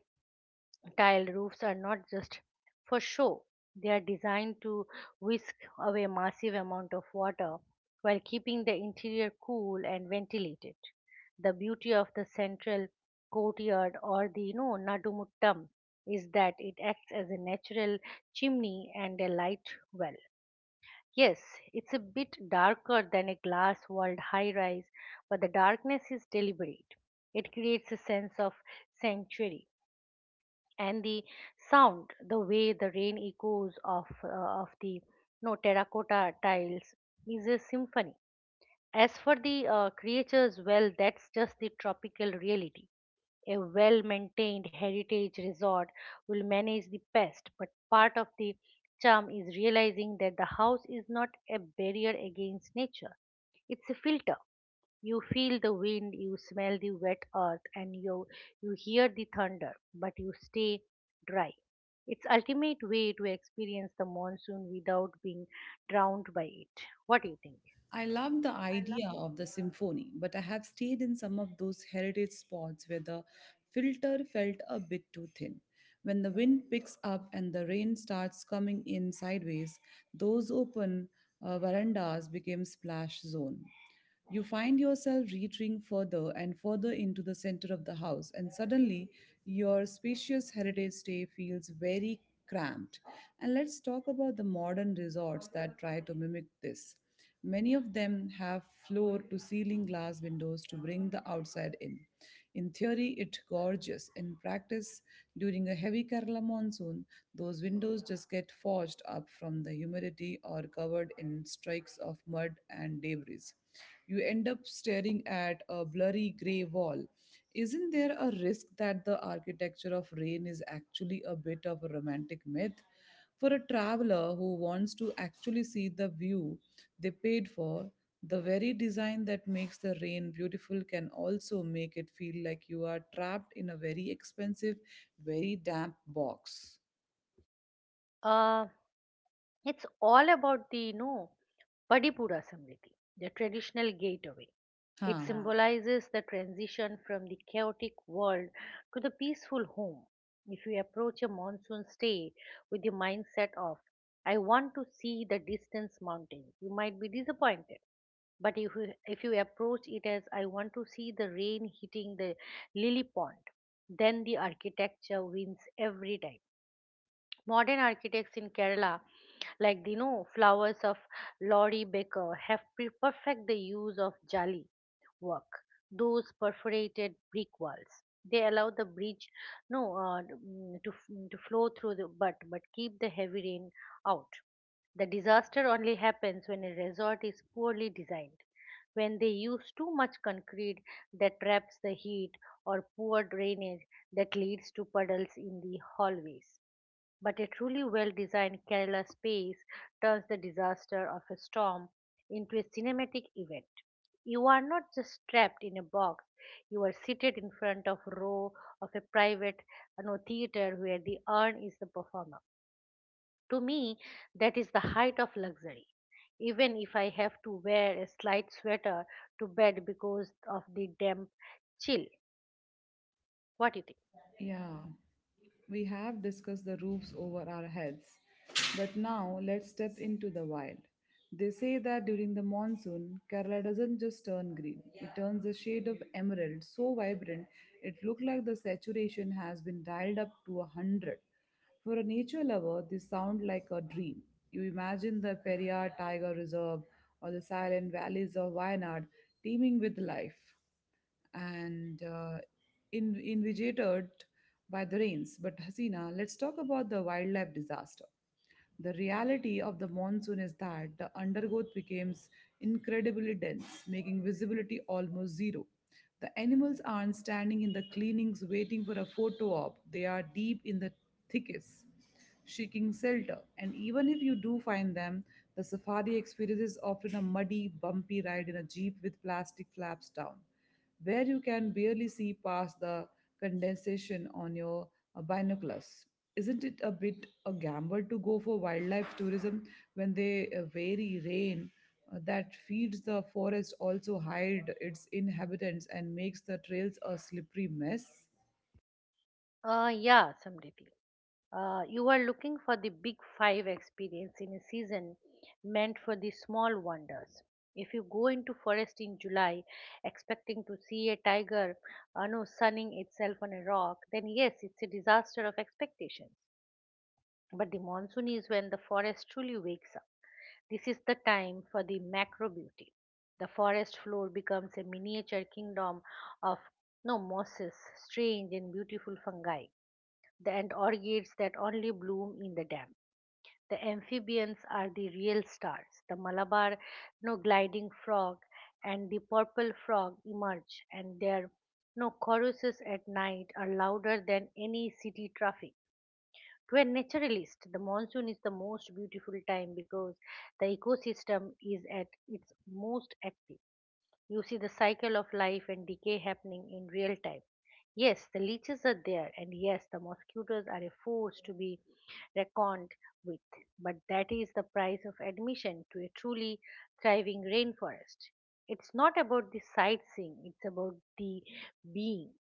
Speaker 2: tile roofs are not just for show. They are designed to whisk away massive amount of water while keeping the interior cool and ventilated. The beauty of the central courtyard or the you know nadumuttam is that it acts as a natural chimney and a light well. Yes, it's a bit darker than a glass walled high rise, but the darkness is deliberate. It creates a sense of sanctuary, and the sound, the way the rain echoes off uh, of the no terracotta tiles is a symphony. As for the uh, creatures, well, that's just the tropical reality. A well maintained heritage resort will manage the pest, but part of the charm is realizing that the house is not a barrier against nature, it's a filter. You feel the wind, you smell the wet earth, and you, you hear the thunder, but you stay dry. It's ultimate way to experience the monsoon without being drowned by it. What do you think?
Speaker 1: I love the idea of the symphony, but I have stayed in some of those heritage spots where the filter felt a bit too thin. When the wind picks up and the rain starts coming in sideways, those open uh, verandas became splash zone. You find yourself retreating further and further into the center of the house, and suddenly your spacious heritage day feels very cramped. And let's talk about the modern resorts that try to mimic this. Many of them have floor to ceiling glass windows to bring the outside in. In theory, it gorgeous. In practice, during a heavy Kerala monsoon, those windows just get forged up from the humidity or covered in streaks of mud and debris. You end up staring at a blurry grey wall. Isn't there a risk that the architecture of rain is actually a bit of a romantic myth? For a traveler who wants to actually see the view they paid for, the very design that makes the rain beautiful can also make it feel like you are trapped in a very expensive, very damp box.
Speaker 2: Uh, It's all about the you know Padipura Samriti, the traditional gateway. It, yeah,
Speaker 1: Huh.
Speaker 2: symbolizes the transition from the chaotic world to the peaceful home. If you approach a monsoon stay with the mindset of, I want to see the distance mountains, you might be disappointed. But if you, if you approach it as, I want to see the rain hitting the lily pond, then the architecture wins every time. Modern architects in Kerala, like the you know, flowers of Laurie Baker, have pre- perfect the use of jali work, those perforated brick walls. They allow the bridge no uh, mm, to f- to flow through the but but keep the heavy rain out. The disaster only happens when a resort is poorly designed, when they use too much concrete that traps the heat or poor drainage that leads to puddles in the hallways. But a truly well designed Kerala space turns the disaster of a storm into a cinematic event. You are not just trapped in a box, you are seated in front of a row of a private, you know, theater where the urn is the performer. To me, that is the height of luxury. Even if I have to wear a slight sweater to bed because of the damp chill. What do you think?
Speaker 1: Yeah, we have discussed the roofs over our heads, but now let's step into the wild. They say that during the monsoon, Kerala doesn't just turn green, it turns a shade of emerald so vibrant it looks like the saturation has been dialed up to a hundred. For a nature lover, this sounds like a dream. You imagine the Periyar Tiger Reserve or the silent valleys of Wayanad teeming with life and uh, in, invigorated by the rains. But Hasina, let's talk about the wildlife disaster. The reality of the monsoon is that the undergrowth becomes incredibly dense, making visibility almost zero. The animals aren't standing in the cleanings waiting for a photo op, they are deep in the thickets, seeking shelter. And even if you do find them, the safari experience is often a muddy, bumpy ride in a jeep with plastic flaps down where you can barely see past the condensation on your uh, binoculars. Isn't it a bit a gamble to go for wildlife tourism when the uh, very rain uh, that feeds the forest also hide its inhabitants and makes the trails a slippery mess?
Speaker 2: Uh, yeah, Samriti. Uh, you are looking for the big five experience in a season meant for the small wonders. If you go into forest in July expecting to see a tiger, uh, no, sunning itself on a rock, then yes, it's a disaster of expectations. But the monsoon is when the forest truly wakes up. This is the time for the macro beauty. The forest floor becomes a miniature kingdom of no mosses, strange and beautiful fungi, the- and orchids that only bloom in the damp. The amphibians are the real stars. The Malabar no gliding frog and the purple frog emerge, and their no choruses at night are louder than any city traffic. To a naturalist, the monsoon is the most beautiful time because the ecosystem is at its most active. You see the cycle of life and decay happening in real time. Yes, the leeches are there, and yes, the mosquitoes are a force to be reckoned with, but that is the price of admission to a truly thriving rainforest. It's not about the sightseeing, it's about the being.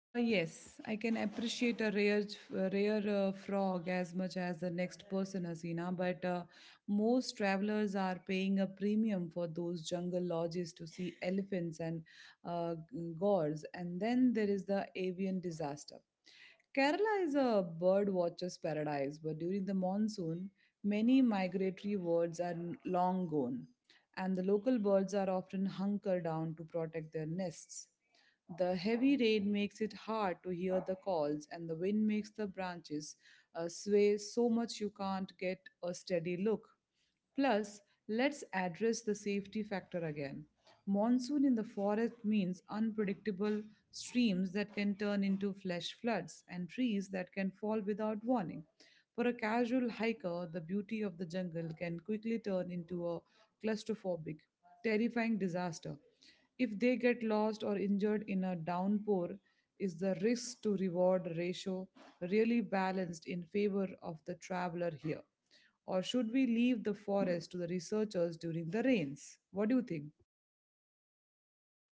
Speaker 1: Uh, yes, I can appreciate a rare, uh, rare uh, frog as much as the next person, Hasina, but uh, most travelers are paying a premium for those jungle lodges to see elephants and uh, g- gores, and then there is the avian disaster. Kerala is a bird watcher's paradise, but during the monsoon, many migratory birds are long gone, and the local birds are often hunker down to protect their nests. The heavy rain makes it hard to hear the calls, and the wind makes the branches uh, sway so much you can't get a steady look. Plus, let's address the safety factor again. Monsoon in the forest means unpredictable streams that can turn into flash floods and trees that can fall without warning. For a casual hiker, the beauty of the jungle can quickly turn into a claustrophobic, terrifying disaster. If they get lost or injured in a downpour, is the risk to reward ratio really balanced in favor of the traveler here? Or should we leave the forest to the researchers during the rains? What do you think?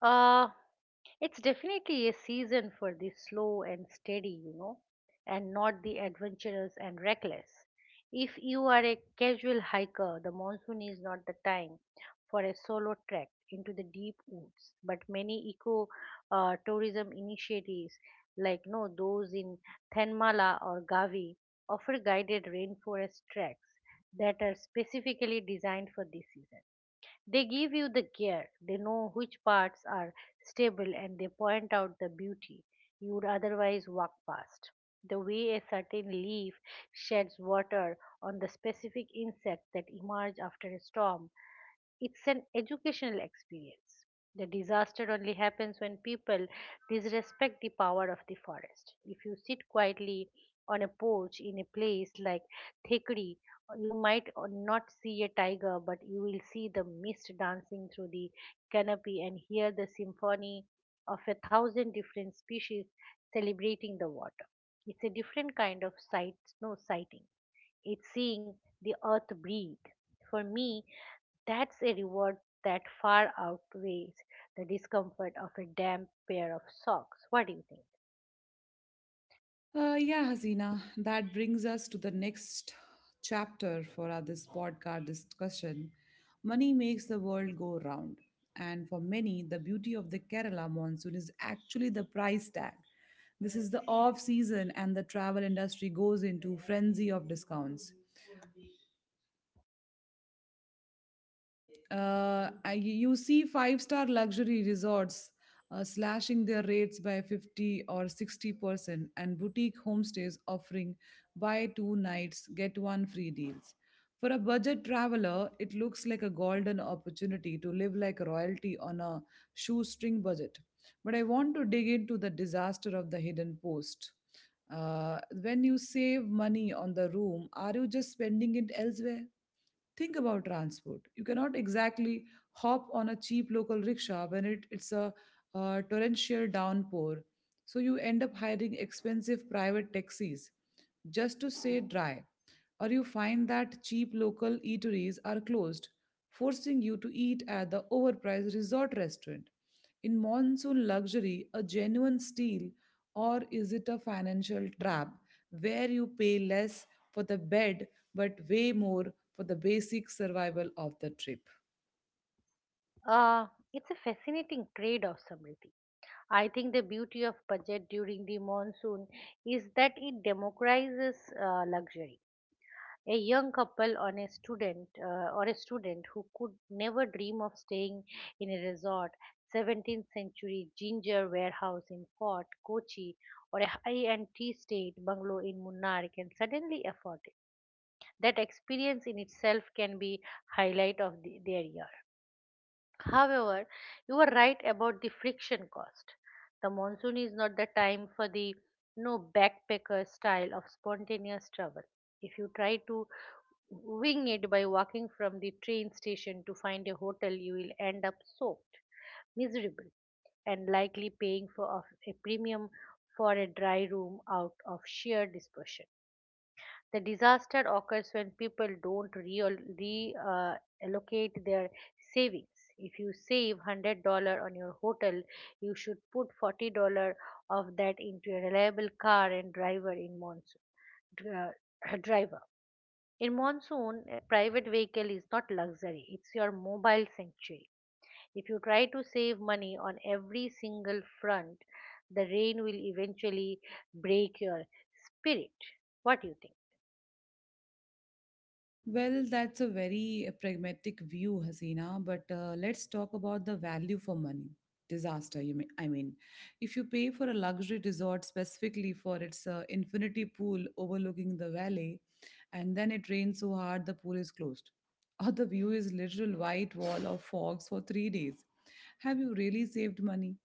Speaker 2: Uh, It's definitely a season for the slow and steady, you know, and not the adventurous and reckless. If you are a casual hiker, the monsoon is not the time for a solo trek into the deep woods. But many eco uh, tourism initiatives, like no those in Thenmala or Gavi, offer guided rainforest treks that are specifically designed for this season. They give you the gear, they know which parts are stable, and they point out the beauty you would otherwise walk past. The way a certain leaf sheds water on the specific insects that emerge after a storm, it's an educational experience. The disaster only happens when people disrespect the power of the forest. If you sit quietly on a porch in a place like Thekri, you might or not see a tiger, but you will see the mist dancing through the canopy and hear the symphony of a thousand different species celebrating the water. It's a different kind of sight, no sighting. It's seeing the earth breathe. For me, that's a reward that far outweighs the discomfort of a damp pair of socks. What do you think?
Speaker 1: Uh, yeah, Hasina, that brings us to the next chapter for our, this podcast discussion. Money makes the world go round. And for many, the beauty of the Kerala monsoon is actually the price tag. This is the off season, and the travel industry goes into frenzy of discounts. Uh, I- you see five star luxury resorts uh, slashing their rates by fifty or sixty percent and boutique homestays offering buy two nights get one free deals. For a budget traveler it looks like a golden opportunity to live like royalty on a shoestring budget, but I want to dig into the disaster of the hidden post. Uh, when you save money on the room, are you just spending it elsewhere? Think about transport. You cannot exactly hop on a cheap local rickshaw when it, it's a uh, torrential downpour. So you end up hiring expensive private taxis just to stay dry, or you find that cheap local eateries are closed, forcing you to eat at the overpriced resort restaurant. In monsoon luxury, a genuine steal, or is it a financial trap where you pay less for the bed but way more for the basic survival of the trip?
Speaker 2: Uh, it's a fascinating trade off, Samriti. I think the beauty of budget during the monsoon is that it democratizes uh, luxury. A young couple on a student uh, or a student who could never dream of staying in a resort, seventeenth century ginger warehouse in Fort Kochi, or a high-end tea state bungalow in Munnar can suddenly afford it. That experience in itself can be highlight of the, their year. However, you are right about the friction cost. The monsoon is not the time for the no backpacker style of spontaneous travel. If you try to wing it by walking from the train station to find a hotel, you will end up soaked, miserable, and likely paying for of- a premium for a dry room out of sheer dispersion. The disaster occurs when people don't real, re uh, allocate their savings. If you save one hundred dollars on your hotel, you should put forty dollars of that into a reliable car and driver in monsoon. Dri- driver. In monsoon, a private vehicle is not luxury, it's your mobile sanctuary. If you try to save money on every single front, the rain will eventually break your spirit. What do you think?
Speaker 1: Well, that's a very uh, pragmatic view, Hasina, but uh, let's talk about the value for money disaster. You mean, I mean, if you pay for a luxury resort specifically for its uh, infinity pool overlooking the valley, and then it rains so hard the pool is closed, or the view is literal white wall of fogs for three days, have you really saved money?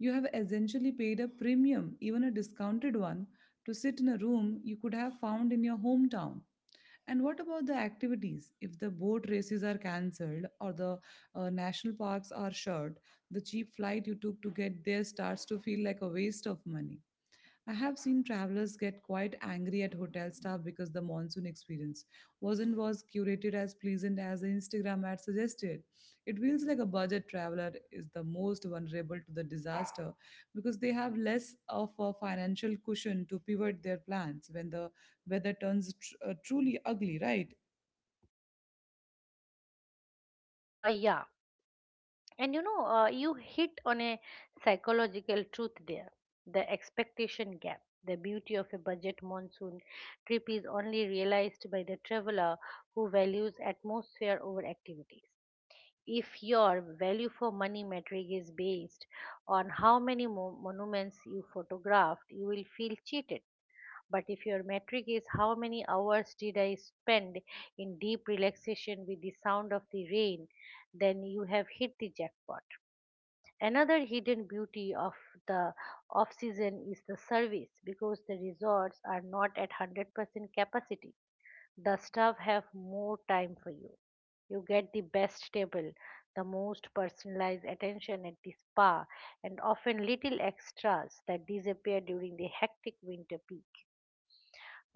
Speaker 1: You have essentially paid a premium, even a discounted one, to sit in a room you could have found in your hometown. And what about the activities? If the boat races are cancelled or the uh, national parks are shut, the cheap flight you took to get there starts to feel like a waste of money. I have seen travelers get quite angry at hotel staff because the monsoon experience wasn't was curated as pleasant as the Instagram ad suggested. It feels like a budget traveler is the most vulnerable to the disaster because they have less of a financial cushion to pivot their plans when the weather turns tr- uh, truly ugly, right?
Speaker 2: Uh, yeah. And you know, uh, you hit on a psychological truth there, the expectation gap. The beauty of a budget monsoon trip is only realized by the traveler who values atmosphere over activities. If your value for money metric is based on how many mo- monuments you photographed, you will feel cheated. But if your metric is how many hours did I spend in deep relaxation with the sound of the rain, then you have hit the jackpot. Another hidden beauty of the off season is the service because the resorts are not at one hundred percent capacity. The staff have more time for you. You get the best table, the most personalized attention at the spa, and often little extras that disappear during the hectic winter peak.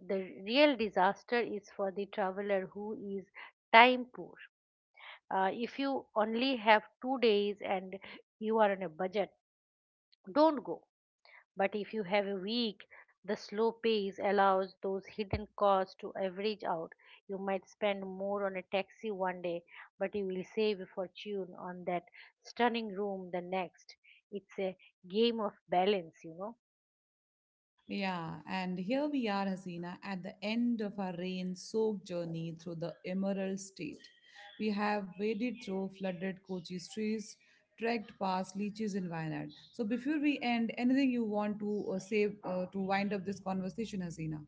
Speaker 2: The real disaster is for the traveler who is time poor. Uh, if you only have two days and you are on a budget, don't go. But if you have a week, the slow pace allows those hidden costs to average out. You might spend more on a taxi one day, but you will save a fortune on that stunning room the next. It's a game of balance, you know.
Speaker 1: Yeah, and here we are, Hasina, at the end of our rain soaked journey through the Emerald State. We have waded through flooded Kochi streets, trekked past leeches in Wayanad. So, before we end, anything you want to uh, say uh, to wind up this conversation, Hasina?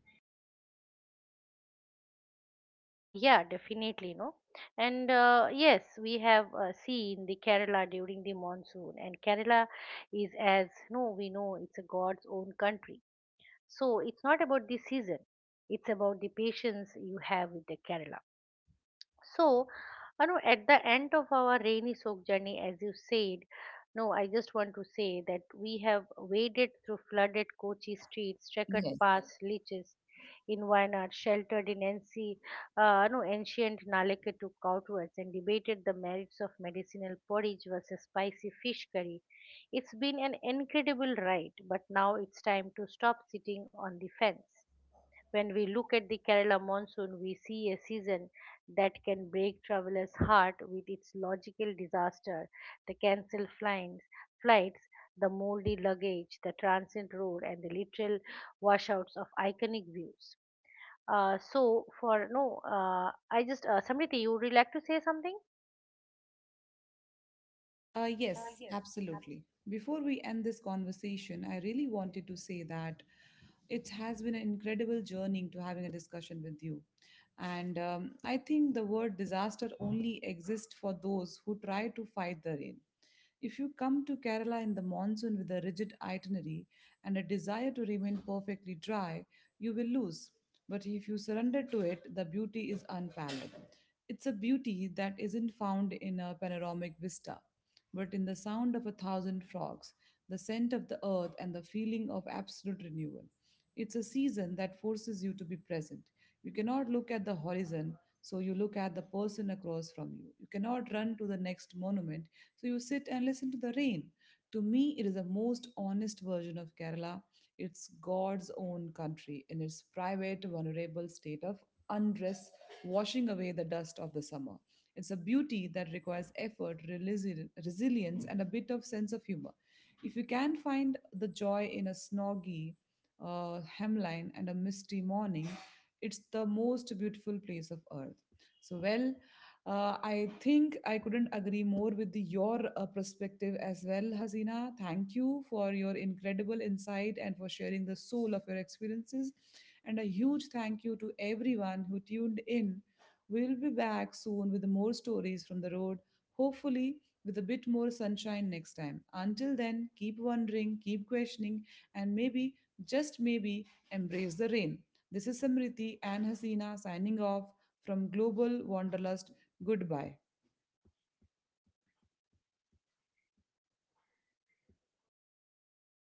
Speaker 2: Uh, yeah, definitely, no. And uh, yes, we have uh, seen the Kerala during the monsoon, and Kerala is, as no, we know, it's a God's own country. So it's not about the season, it's about the patience you have with the Kerala. So, you know, at the end of our rainy soak journey, as you said, no, I just want to say that we have waded through flooded Kochi streets, checkered paths, leeches in Wayanad, sheltered in NC, uh, no, ancient Nalekettu courtyards, and debated the merits of medicinal porridge versus spicy fish curry. It's been an incredible ride, but now it's time to stop sitting on the fence. When we look at the Kerala monsoon, we see a season that can break travelers' heart with its logical disaster, the cancelled flights, flights, the moldy luggage, the transient road, and the literal washouts of iconic views. Uh, so, for no, uh, I just uh, Samriti, you would like to say something?
Speaker 1: Uh, yes, absolutely. Before we end this conversation, I really wanted to say that it has been an incredible journey to having a discussion with you. And um, I think the word disaster only exists for those who try to fight the rain. If you come to Kerala in the monsoon with a rigid itinerary and a desire to remain perfectly dry, you will lose. But if you surrender to it, the beauty is unparalleled. It's a beauty that isn't found in a panoramic vista, but in the sound of a thousand frogs, the scent of the earth, and the feeling of absolute renewal. It's a season that forces you to be present. You cannot look at the horizon, so you look at the person across from you. You cannot run to the next monument, so you sit and listen to the rain. To me, it is the most honest version of Kerala. It's God's own country in its private, vulnerable state of undress, washing away the dust of the summer. It's a beauty that requires effort, relisi- resilience, and a bit of sense of humor. If you can find the joy in a snoggy uh, hemline and a misty morning, it's the most beautiful place of earth. So, well, uh, I think I couldn't agree more with the, your uh, perspective as well, Hasina. Thank you for your incredible insight and for sharing the soul of your experiences. And a huge thank you to everyone who tuned in. We'll be back soon with more stories from the road, hopefully, with a bit more sunshine next time. Until then, keep wondering, keep questioning, and maybe, just maybe, embrace the rain. This is Samriti and Hasina signing off from Global Wanderlust. Goodbye.